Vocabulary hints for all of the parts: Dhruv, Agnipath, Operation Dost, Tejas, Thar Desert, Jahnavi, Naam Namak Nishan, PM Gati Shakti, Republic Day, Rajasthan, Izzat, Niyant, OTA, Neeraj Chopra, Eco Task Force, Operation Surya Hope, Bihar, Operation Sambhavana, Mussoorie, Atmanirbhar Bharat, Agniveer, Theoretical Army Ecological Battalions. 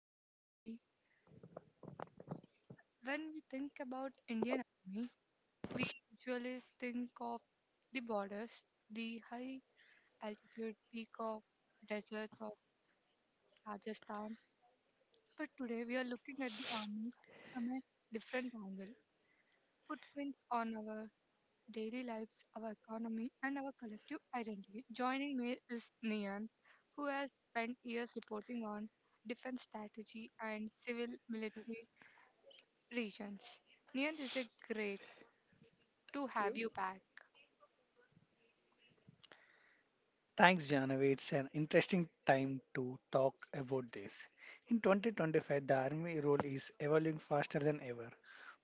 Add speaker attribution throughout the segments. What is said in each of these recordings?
Speaker 1: I'm Jahnavi. When we think about Indian Army, we usually think of the borders, the high altitude peak of deserts of Rajasthan. But today we are looking at the army from a different angle. Footprints on our daily lives, our economy, and our collective identity. Joining me is Nian, who has spent years reporting on defense strategy and civil military regions. Niyant, is great to
Speaker 2: Thank you.
Speaker 1: have you back.
Speaker 2: Thanks, Janavi. It's an interesting time to talk about this. In 2025, the Army role is evolving faster than ever,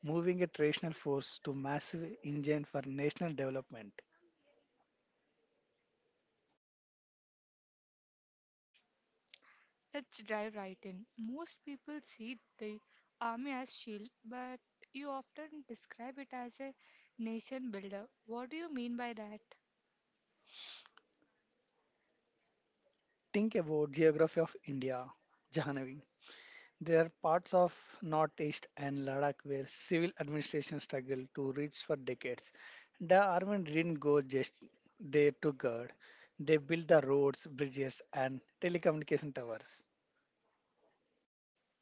Speaker 2: moving a traditional force to massive engine for national development.
Speaker 1: Let's dive right in. Most people see the army as shield, but you often describe it as a nation builder. What do you mean by that?
Speaker 2: Think about geography of India, Jahanavi. There are parts of Northeast and Ladakh where civil administration struggled to reach for decades. The army didn't go just there to guard. They built the roads, bridges, and telecommunication towers.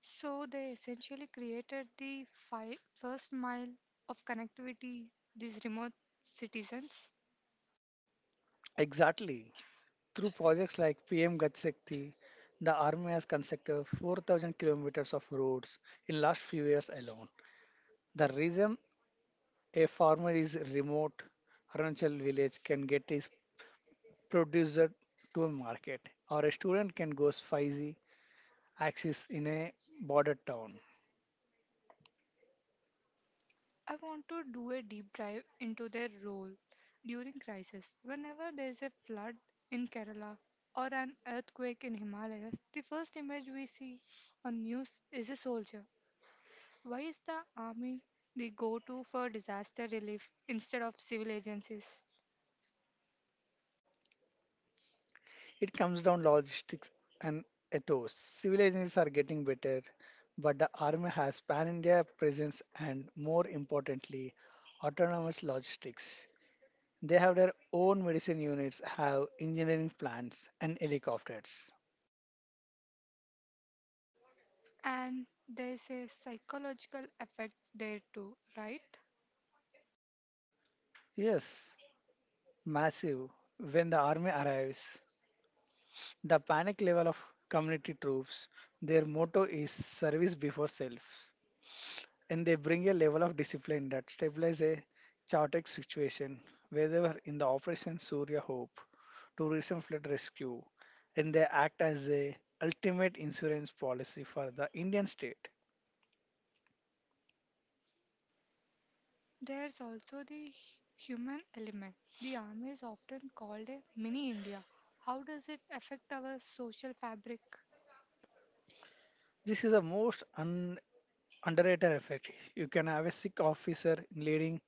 Speaker 1: So they essentially created the first mile of connectivity these remote citizens.
Speaker 2: Exactly. Through projects like PM Gati Shakti, the army has constructed 4,000 kilometers of roads in last few years alone. The reason a farmer is remote Arunachal village can get his producer to a market, or a student can go spicy axis in a border town.
Speaker 1: I want to do a deep dive into their role during crisis. Whenever there is a flood in Kerala or an earthquake in Himalayas, the first image we see on news is a soldier. Why is the army the go-to for disaster relief instead of civil agencies?
Speaker 2: It comes down logistics and ethos. Civilizations are getting better, but the army has pan-India presence and, more importantly, autonomous logistics. They have their own medicine units, have engineering plants and helicopters.
Speaker 1: And there's a psychological effect there too, right?
Speaker 2: Yes, massive. When the army arrives, the panic level of community troops, their motto is service before self. And they bring a level of discipline that stabilizes a chaotic situation, whether in the Operation Surya Hope, tourism flood rescue, and they act as a ultimate insurance policy for the Indian state.
Speaker 1: There's also the human element. The army is often called a mini India. How does it affect our social fabric?
Speaker 2: This is the most underrated effect. You can have a Sikh officer leading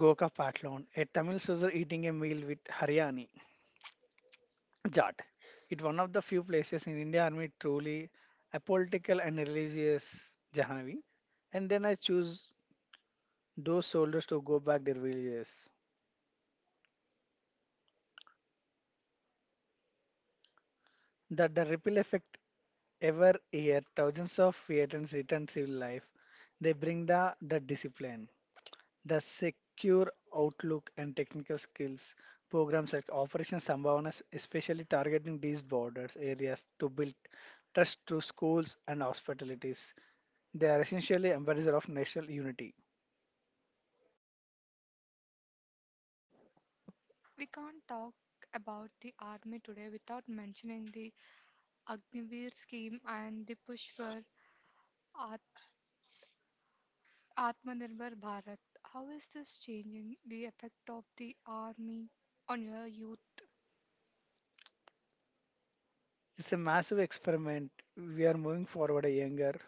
Speaker 2: Goka Patlon, a Tamil soldier eating a meal with Haryani, Jat. It one of the few places in India Army truly apolitical and religious, Jahanavi. And then I choose those soldiers to go back their villages. That the ripple effect ever year thousands of Vietnams return civil life. They bring the discipline, the secure outlook and technical skills. Programs like Operation Sambhavana, especially targeting these borders areas to build trust through schools and hospitalities. They are essentially ambassadors of national unity.
Speaker 1: We can't talk about the army today without mentioning the Agniveer scheme and the push for At- Atmanirbhar Bharat. How is this changing the effect of the army on your youth?
Speaker 2: It's a massive experiment. We are moving forward a younger,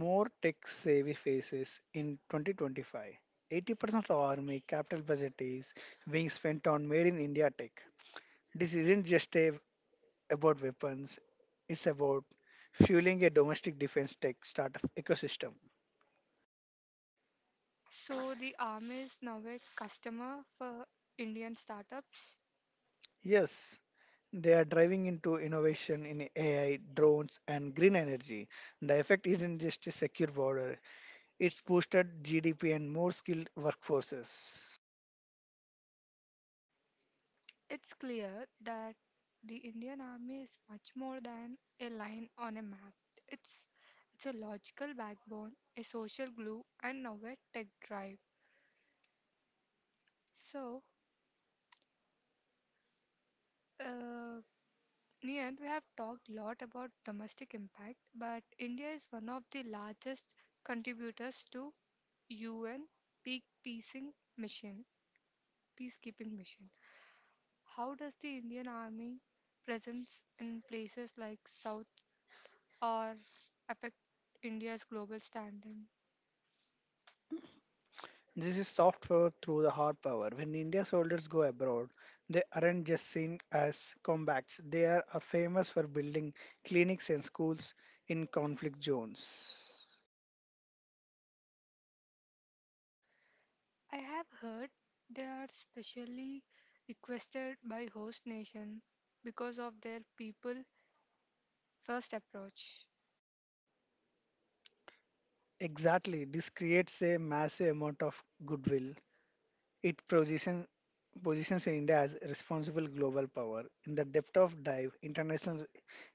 Speaker 2: more tech savvy faces in 2025. 80% of army capital budget is being spent on made in India tech. This isn't just a, about weapons, it's about fueling a domestic defense tech startup ecosystem.
Speaker 1: So, the army is now a customer for Indian startups.
Speaker 2: Yes, they are driving into innovation in AI, drones, and green energy. The effect isn't just a secure border. It's boosted GDP and more skilled workforces.
Speaker 1: It's clear that the Indian Army is much more than a line on a map. It's it's a logical backbone, a social glue, and now a tech drive. So, uh, Nian, we have talked a lot about domestic impact, but India is one of the largest contributors to UN peak peacing mission, peacekeeping mission. How does the Indian Army presence in places like South or affect India's global standing?
Speaker 2: This is soft power through the hard power. When India's soldiers go abroad, they aren't just seen as combats. They are famous for building clinics and schools in conflict zones.
Speaker 1: I have heard they are specially requested by host nation because of their people first approach.
Speaker 2: Exactly. This creates a massive amount of goodwill. It position, Positions India as a responsible global power. In the depth of dive, international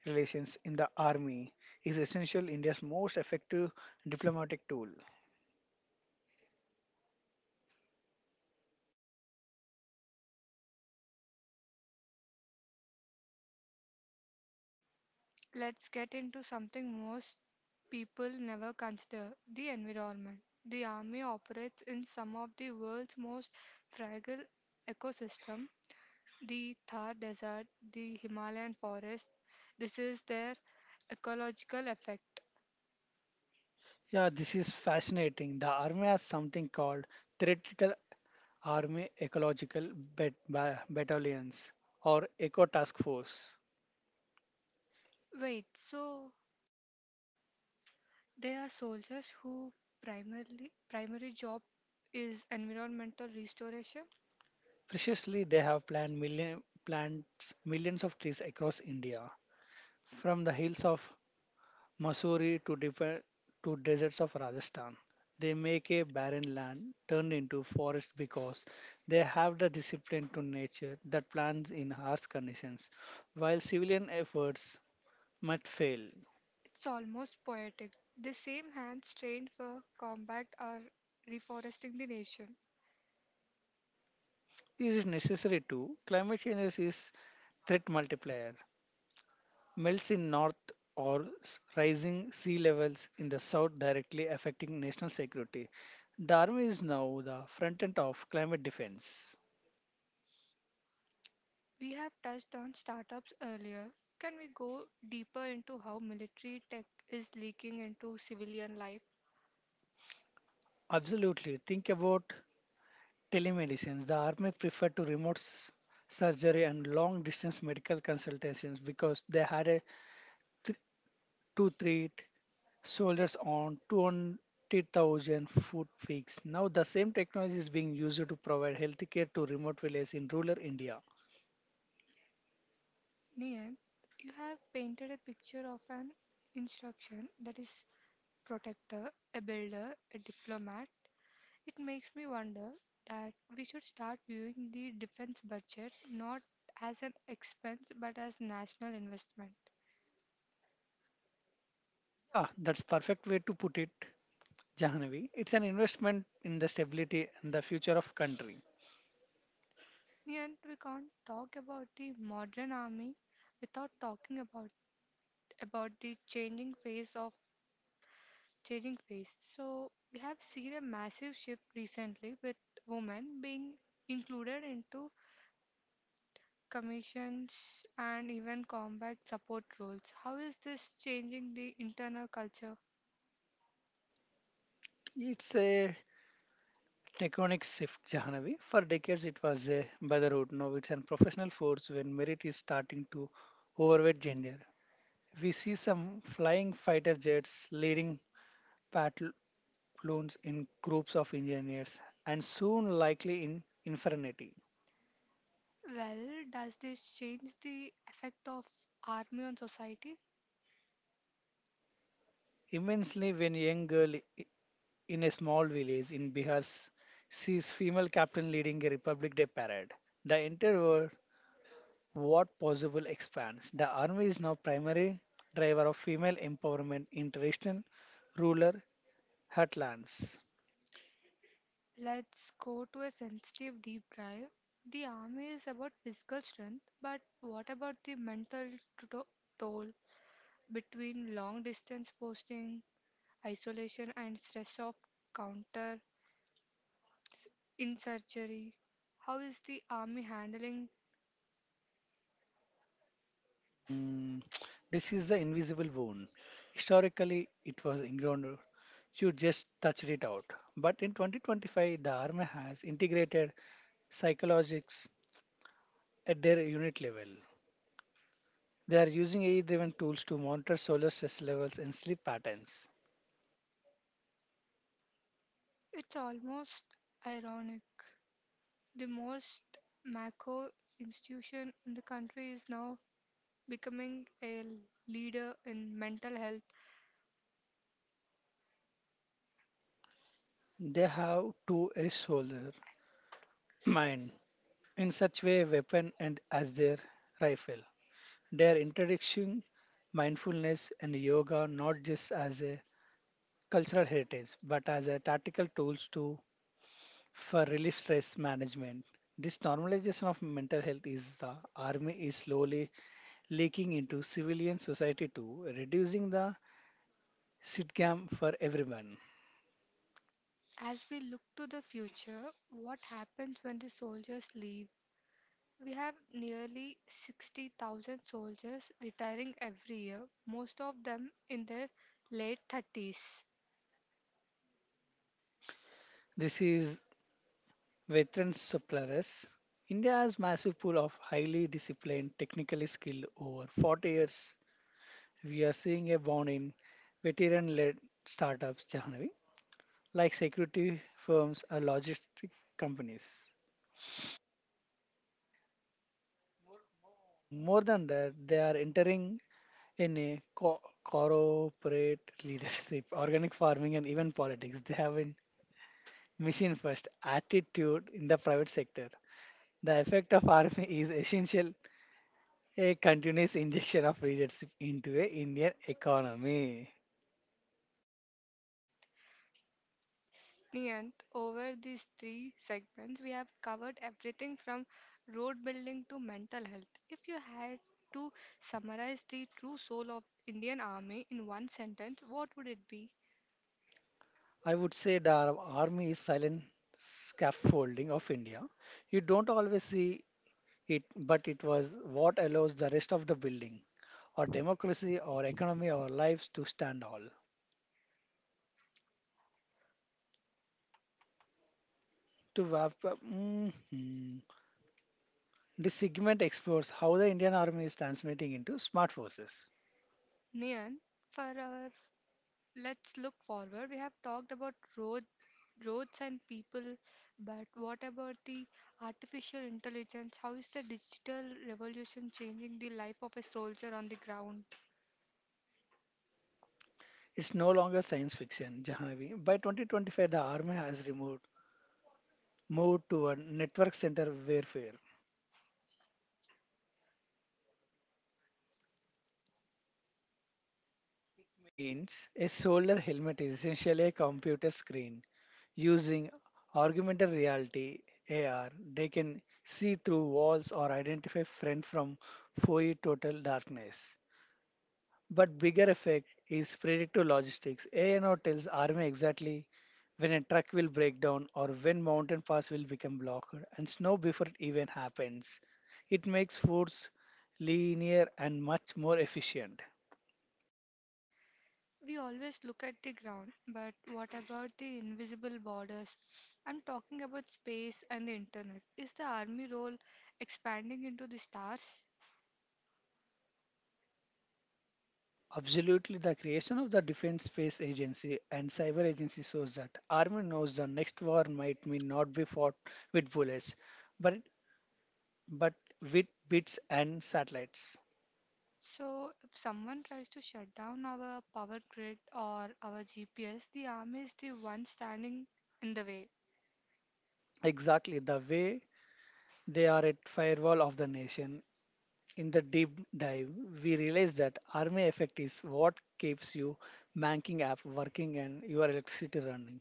Speaker 2: relations in the army is essential India's most effective diplomatic tool.
Speaker 1: Let's get into something most people never consider the environment. The army operates in some of the world's most fragile ecosystem, the Thar Desert, the Himalayan forest. This is their ecological effect.
Speaker 2: Yeah, this is fascinating. The army has something called Theoretical Army Ecological Battalions or Eco Task Force.
Speaker 1: Wait, so they are soldiers who primarily primary job is environmental restoration.
Speaker 2: Preciously, they have plants millions of trees across India, from the hills of Mussoorie to, defer to deserts of Rajasthan. They make a barren land turned into forest because they have the discipline to nature that plants in harsh conditions. While civilian efforts might fail,
Speaker 1: It's almost poetic. The same hands trained for combat are reforesting the nation.
Speaker 2: is it necessary to? Climate change is threat multiplier. Melts in north or rising sea levels in the south directly affecting national security. The army is now the front end of climate defense.
Speaker 1: We have touched on startups earlier. Can we go deeper into how military tech is leaking into civilian life?
Speaker 2: Absolutely. Think about Telemedicine. The army preferred to remote surgery and long distance medical consultations because they had a th- to treat soldiers on 200,000 foot peaks. Now, the same technology is being used to provide healthcare to remote villages in rural India.
Speaker 1: Nian, you have painted a picture of an instruction that is protector, a builder, a diplomat. It makes me wonder that we should start viewing the defense budget not as an expense but as national investment.
Speaker 2: Yeah, that's perfect way to put it, Jahanavi. It's an investment in the stability and the future of country.
Speaker 1: Yet we can't talk about the modern army without talking about the changing face. So we have seen a massive shift recently with women being included into commissions and even combat support roles. How is this changing the internal culture?
Speaker 2: It's a Tectonic shift, Jahanavi. For decades, it was a brotherhood. Now it's a professional force when merit is starting to overweight gender. We see some flying fighter jets leading platoons in groups of engineers and soon likely in infinity.
Speaker 1: Well, does this change the effect of army on society?
Speaker 2: Immensely, when a young girl i- in a small village in Bihar sees female captain leading a Republic Day parade, the entire world what possible expands. The army is now primary driver of female empowerment in traditional rural heartlands.
Speaker 1: Let's go to a sensitive deep dive. The army is about physical strength, but what about the mental to- toll between long distance posting, isolation, and stress of counter s- insurgery? How is the army handling?
Speaker 2: Mm, this is the invisible wound. Historically, it was ingrown. You just touched it out. But in 2025, the army has integrated psychologics at their unit level. They are using AI-driven tools to monitor solar stress levels and sleep patterns.
Speaker 1: It's almost ironic. The most macro institution in the country is now becoming a leader in mental health.
Speaker 2: They have two a soldier mind in such way weapon and as their rifle. They are introducing mindfulness and yoga not just as a cultural heritage but as a tactical tools to for relief stress management. This normalization of mental health is the army is slowly leaking into civilian society too, reducing the sitcam for everyone.
Speaker 1: As we look to the future, what happens when the soldiers leave? We have nearly 60,000 soldiers retiring every year, most of them in their late 30s.
Speaker 2: This is veteran suppliers. India has massive pool of highly disciplined, technically skilled over 40 years we are seeing a boom in veteran-led startups, Jahanavi, like security firms or logistic companies. Oh, more than that, they are entering in a corporate leadership, organic farming, and even politics. They have a mission 1st attitude in the private sector. The effect of army is essential a continuous injection of leadership into a Indian economy.
Speaker 1: And over these three segments, we have covered everything from road building to mental health. If you had to summarize the true soul of Indian Army in one sentence, what would it be?
Speaker 2: I would say the Arab army is silent scaffolding of India. You don't always see it, but it was what allows the rest of the building, our democracy, our economy, our lives to stand all. To wrap up, this segment explores how the Indian army is transmitting into smart forces.
Speaker 1: Nian, for our let's look forward. We have talked about roads and people, but what about the artificial intelligence? How is the digital revolution changing the life of a soldier on the ground?
Speaker 2: It's no longer science fiction, Jahanavi. By 2025, the army has removed moved to a network center warfare means a solar helmet is essentially a computer screen. Using augmented reality, AR, they can see through walls or identify friend from foe total darkness. But bigger effect is predictive logistics. ANO tells army exactly when a truck will break down or when mountain pass will become blocked and snow before it even happens. It makes force linear and much more efficient.
Speaker 1: We always look at the ground, but what about the invisible borders? I'm talking about space and the internet. Is the army role expanding into the stars?
Speaker 2: Absolutely, the creation of the Defense Space Agency and Cyber Agency shows that Army knows the next war might may not be fought with bullets, but but with bits and satellites.
Speaker 1: So, if someone tries to shut down our power grid or our GPS, the army is the one standing in the way.
Speaker 2: Exactly the way they are at firewall of the nation. In the deep dive, we realize that Army effect is what keeps you banking app working and your electricity running.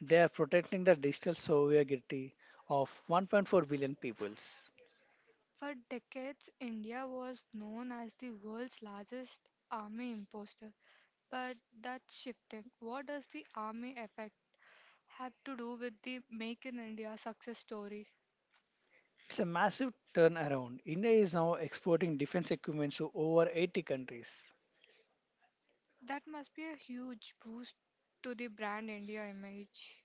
Speaker 2: They are protecting the digital sovereignty of 1.4 billion peoples.
Speaker 1: For decades, India was known as the world's largest army imposter, but that's shifting. What does the army effect have to do with the Make in India success story?
Speaker 2: It's a massive turnaround. India is now exporting defense equipment to over 80 countries.
Speaker 1: That must be a huge boost to the brand India image.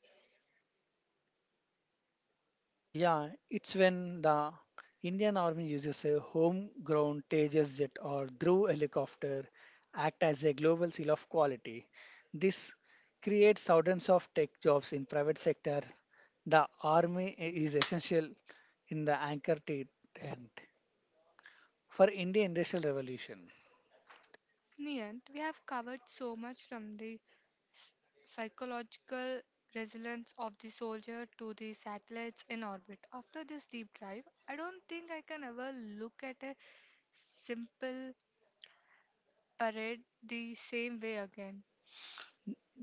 Speaker 2: Yeah, it's when the Indian Army uses a homegrown Tejas jet or Dhruv helicopter act as a global seal of quality. This creates thousands of tech jobs in private sector. The army is essential in the anchor tenant for Indian industrial revolution.
Speaker 1: Niyant, we have covered so much from the psychological resilience of the soldier to the satellites in orbit. After this deep dive, I don't think I can ever look at a simple parade the same way again.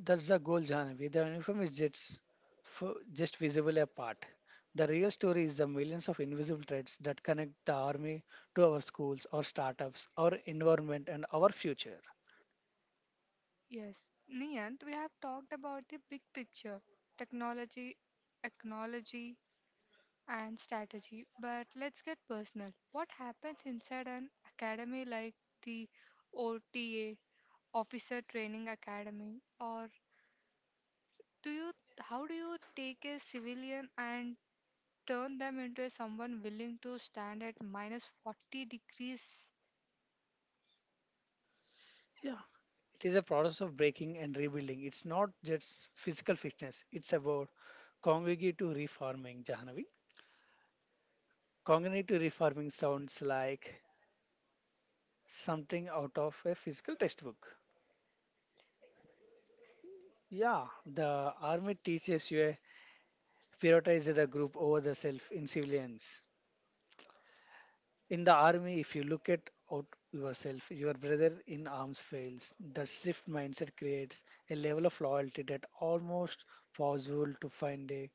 Speaker 2: That's the goal, Jhanavi. The uniform is just, just visible apart. The real story is the millions of invisible threads that connect the army to our schools, our startups, our environment, and our future.
Speaker 1: Yes, Niyant, we have talked about the big picture, technology, ecology, and strategy, but let's get personal. What happens inside an academy like the OTA, Officer Training Academy, or do you, how do you take a civilian and turn them into someone willing to stand at minus 40 degrees?
Speaker 2: Yeah, it is a process of breaking and rebuilding. It's not just physical fitness, it's about cognitive reforming, Jahanavi. Cognitive reforming sounds like something out of a physical textbook. Yeah, the army teaches you a prioritized the group over the self in civilians. In the army, if you look at out yourself, your brother in arms fails. That shift mindset creates a level of loyalty that almost possible to find a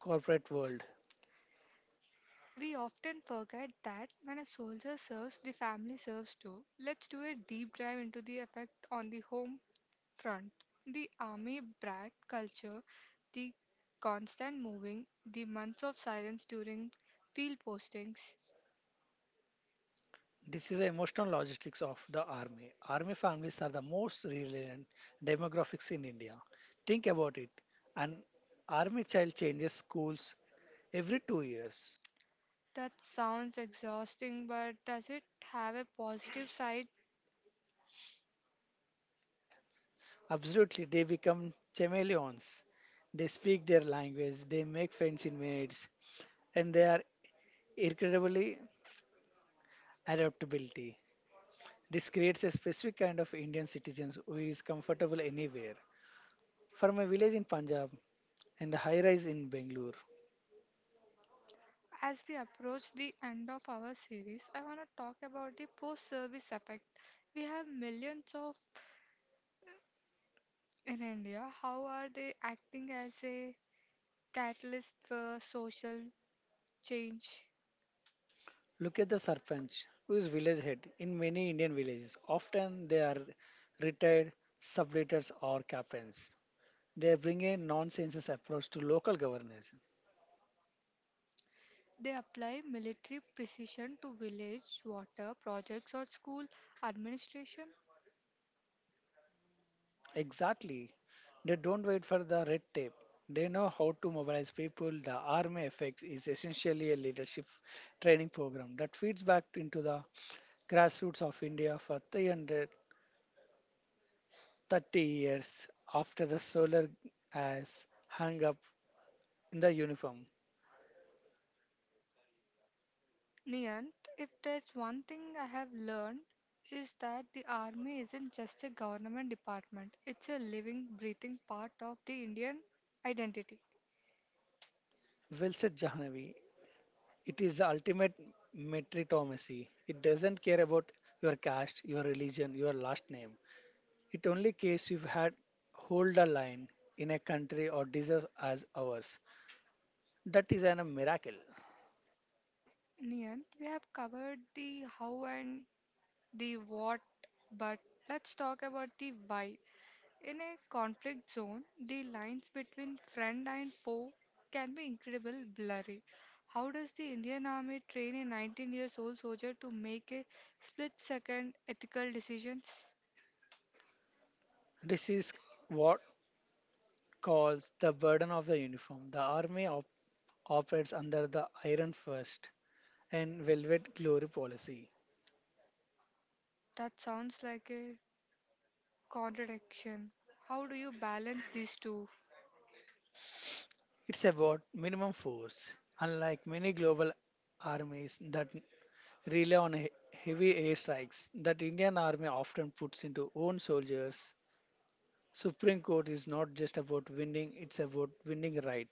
Speaker 2: corporate world.
Speaker 1: We often forget that when a soldier serves, the family serves too. Let's do a deep dive into the effect on the home front. The army brat culture, the constant moving, the months of silence during field postings.
Speaker 2: This is the emotional logistics of the army. Army families are the most resilient demographics in India. Think about it. An army child changes schools every 2 years.
Speaker 1: That sounds exhausting, but does it have a positive side?
Speaker 2: Absolutely, they become chameleons. They speak their language, they make friends in minutes, and they are incredibly adaptability. This creates a specific kind of Indian citizens who is comfortable anywhere. From a village in Punjab and a high rise in Bangalore,
Speaker 1: As we approach the end of our series, I want to talk about the post service effect. We have millions of in India, how are they acting as a catalyst for social change?
Speaker 2: look at the sarpanch who is village head in many Indian villages. Often they are retired subleaders or captains. They bring a nonsense approach to local governance.
Speaker 1: They apply military precision to village water projects or school administration.
Speaker 2: Exactly. They don't wait for the red tape. They know how to mobilize people. The Army FX is essentially a leadership training program that feeds back into the grassroots of India for 330 years after the solar has hung up in the uniform.
Speaker 1: Niyant, if there's one thing I have learned, is that the army isn't just a government department, it's a living, breathing part of the Indian identity.
Speaker 2: Well said, Jahanavi. It is the ultimate meritocracy. It doesn't care about your caste, your religion, your last name. It only case you had hold a line in a country or deserve as ours. That is an, a miracle.
Speaker 1: Niyant, we have covered the how and the what, but let's talk about the why. In a conflict zone, the lines between friend and foe can be incredibly blurry. How does the Indian Army train a 19 years old soldier to make a split second ethical decisions?
Speaker 2: This is what calls the burden of the uniform. The army operates under the iron first and velvet glory policy.
Speaker 1: That sounds like a contradiction. How do you balance these two?
Speaker 2: It's about minimum force. Unlike many global armies that rely on heavy airstrikes that Indian army often puts into own soldiers, Supreme Court is not just about winning, it's about winning right.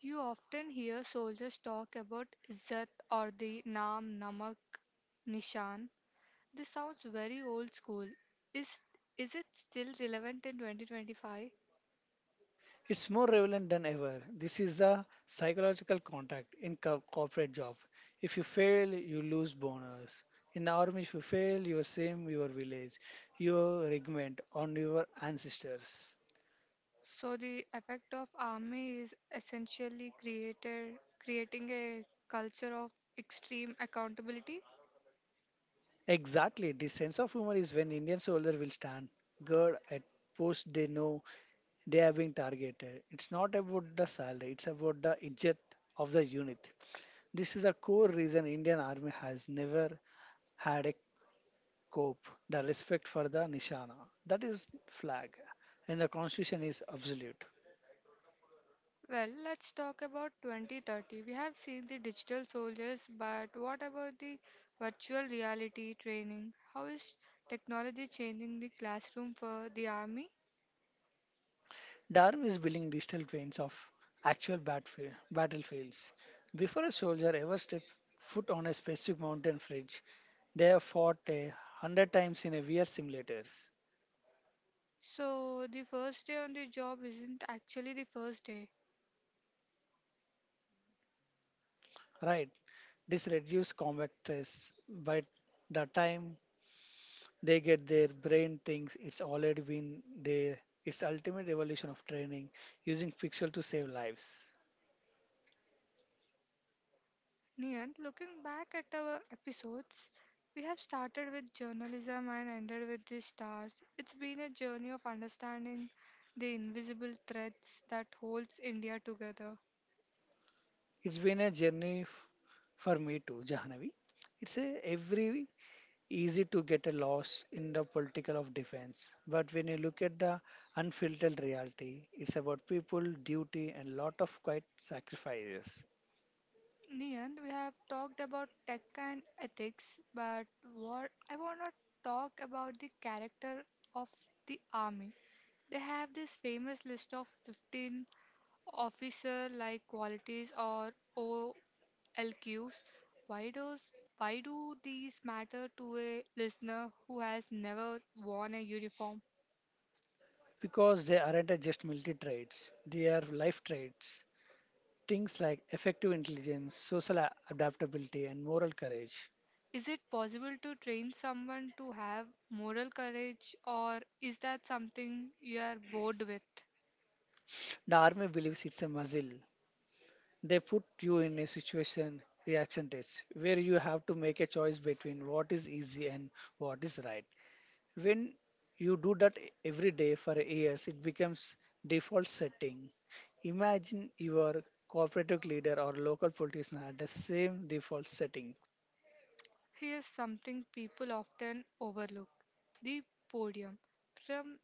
Speaker 1: You often hear soldiers talk about Izzat or the Naam Namak Nishan. This sounds very old school. Is is it still relevant in 2025?
Speaker 2: It's more relevant than ever. This is a psychological contract in corporate job. If you fail, you lose bonus. In army, if you fail, you are same your village, your regiment, on your ancestors.
Speaker 1: So the effect of army is essentially created creating a culture of extreme accountability.
Speaker 2: Exactly. This sense of humor is when Indian soldier will stand guard at post they know they are being targeted. It's not about the salary, it's about the izzat of the unit. This is a core reason Indian army has never had a cope, the respect for the nishana, that is flag, and the constitution is absolute.
Speaker 1: Well, let's talk about 2030. We have seen the digital soldiers, but what about the virtual reality training? How is technology changing the classroom for the army?
Speaker 2: Darwin is building digital twins of actual battlefields. Before a soldier ever stepped foot on a specific mountain fridge, they have fought a hundred times in a VR simulators.
Speaker 1: So the first day on the job isn't actually the first day.
Speaker 2: Right, this reduces combat stress. By the time they get, their brain thinks it's already been there, its ultimate evolution of training using pixel to save lives.
Speaker 1: Niyant, looking back at our episodes, we have started with journalism and ended with the stars. It's been a journey of understanding the invisible threads that holds India together.
Speaker 2: It's been a journey for me too, Jahanavi. It's a every easy to get a loss in the political of defense, but when you look at the unfiltered reality, it's about people, duty, and lot of quiet sacrifices.
Speaker 1: Niyant, we have talked about tech and ethics, but what I want to talk about the character of the army. They have this famous list of 15 officer like qualities or LQs. Why does why do these matter to a listener who has never worn a uniform?
Speaker 2: Because they aren't a just military traits; they are life traits. Things like effective intelligence, social adaptability, and moral courage.
Speaker 1: Is it possible to train someone to have moral courage or is that something you are bored with?
Speaker 2: The army believes it's a muscle. They put you in a situation reaction test where you have to make a choice between what is easy and what is right. When you do that every day for years, it becomes default setting. Imagine your cooperative leader or local politician had the same default setting.
Speaker 1: Here's something people often overlook. The podium. From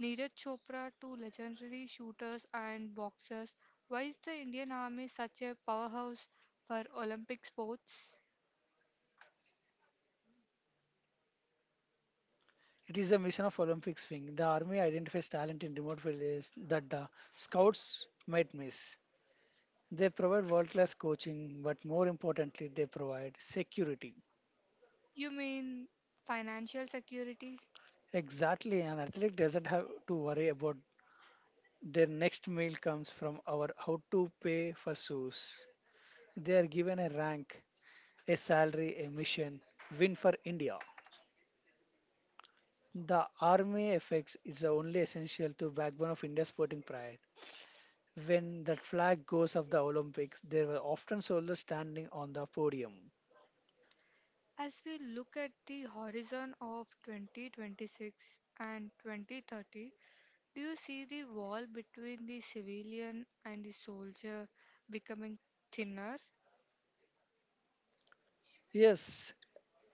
Speaker 1: Neeraj Chopra to legendary shooters and boxers, why is the Indian Army such a powerhouse for Olympic sports?
Speaker 2: It is a mission of olympic swing. The army identifies talent in remote villages that the scouts might miss. They provide world class coaching, but more importantly they provide security.
Speaker 1: You mean financial security?
Speaker 2: Exactly, an athlete doesn't have to worry about their next meal comes from our how to pay for shoes. They are given a rank, a salary, a mission. Win for India. The army effects is the only essential to backbone of India's sporting pride. When that flag goes of the Olympics, there were often soldiers standing on the podium.
Speaker 1: As we look at the horizon of 2026 and 2030, do you see the wall between the civilian and the soldier becoming thinner?
Speaker 2: Yes,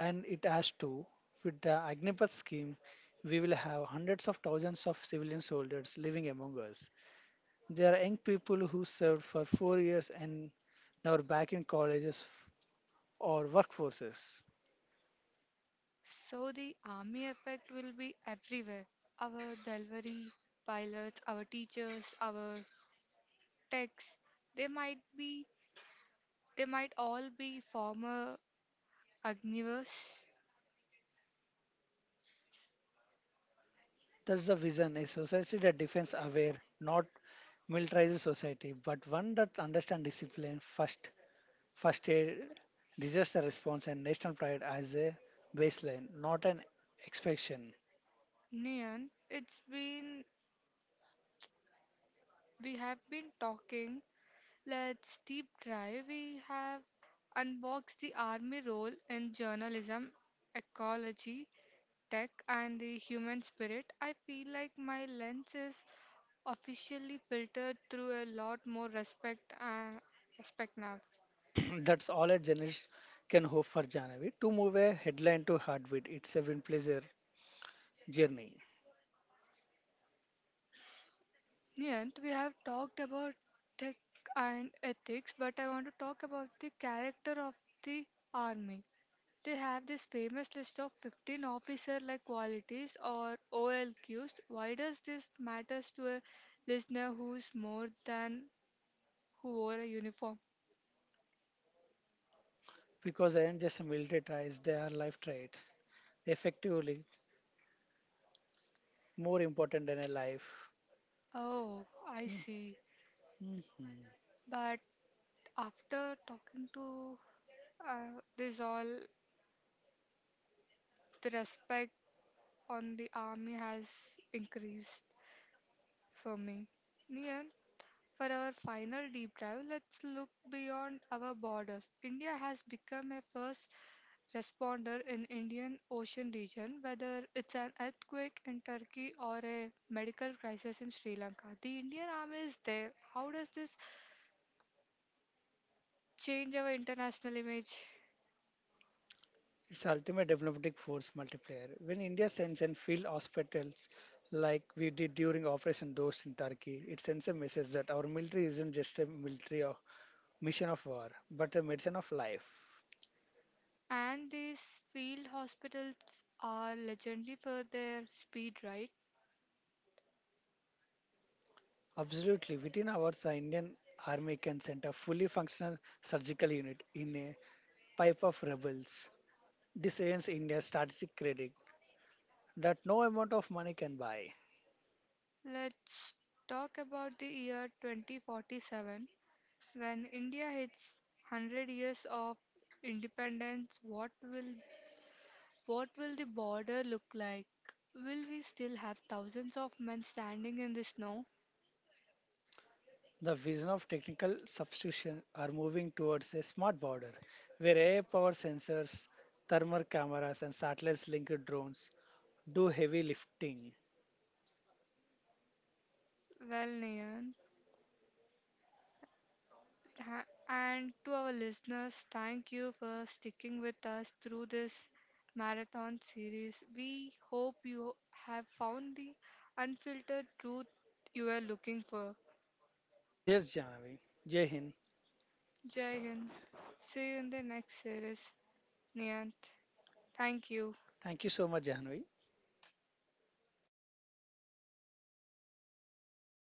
Speaker 2: and it has to. With the Agnipath scheme, we will have hundreds of thousands of civilian soldiers living among us. There are young people who served for 4 years and now are back in colleges or workforces.
Speaker 1: So the army effect will be everywhere. Our delivery pilots, our teachers, our techs, they might be they might all be former Agnivers.
Speaker 2: That's the vision, a society that defends aware, not militarizes society, but one that understands discipline, first, first aid, disaster response, and national pride as a baseline, not an expectation.
Speaker 1: Nian, it's been we have been talking. Let's deep dive. We have unboxed the army role in journalism, ecology, tech, and the human spirit. I feel like my lens is officially filtered through a lot more respect now.
Speaker 2: That's all a journalist can hope for, Janavi. To move a headline to heartbeat, it's a win pleasure journey.
Speaker 1: Niyant, we have talked about tech and ethics, but I want to talk about the character of the army. They have this famous list of 15 officer-like qualities or OLQs. Why does this matters to a listener who's more than who wore a uniform?
Speaker 2: Because they aren't just military traits, they are life traits. Effectively, more important than a life.
Speaker 1: Oh, I see.
Speaker 2: Mhm.
Speaker 1: But after talking to this all, the respect on the army has increased for me. Nian, for our final deep dive, let's look beyond our borders. India has become a first responder in Indian Ocean region, whether it's an earthquake in Turkey or a medical crisis in Sri Lanka. The Indian Army is there. How does this change our international image?
Speaker 2: It's ultimate diplomatic force multiplier. When India sends and field hospitals like we did during Operation Dost in Turkey, it sends a message that our military isn't just a military or mission of war, but a medicine of life.
Speaker 1: And these field hospitals are legendary for their speed, right?
Speaker 2: Absolutely, within hours, our Indian army can send a fully functional surgical unit in a pipe of rebels. This earns India strategic credit that no amount of money can buy.
Speaker 1: Let's talk about the year 2047. When India hits 100 years of independence, what will the border look like? Will we still have thousands of men standing in the snow?
Speaker 2: The vision of technical substitution are moving towards a smart border where AI powered sensors, thermal cameras, and satellite linked drones do heavy lifting.
Speaker 1: Well, Nayan, and to our listeners, thank you for sticking with us through this marathon series. We hope you have found the unfiltered truth you were looking for.
Speaker 2: Yes, Jahnavi. Jai Hind.
Speaker 1: Jai Hind. See you in the next series, Niyant. Thank you.
Speaker 2: Thank you so much, Jahnavi.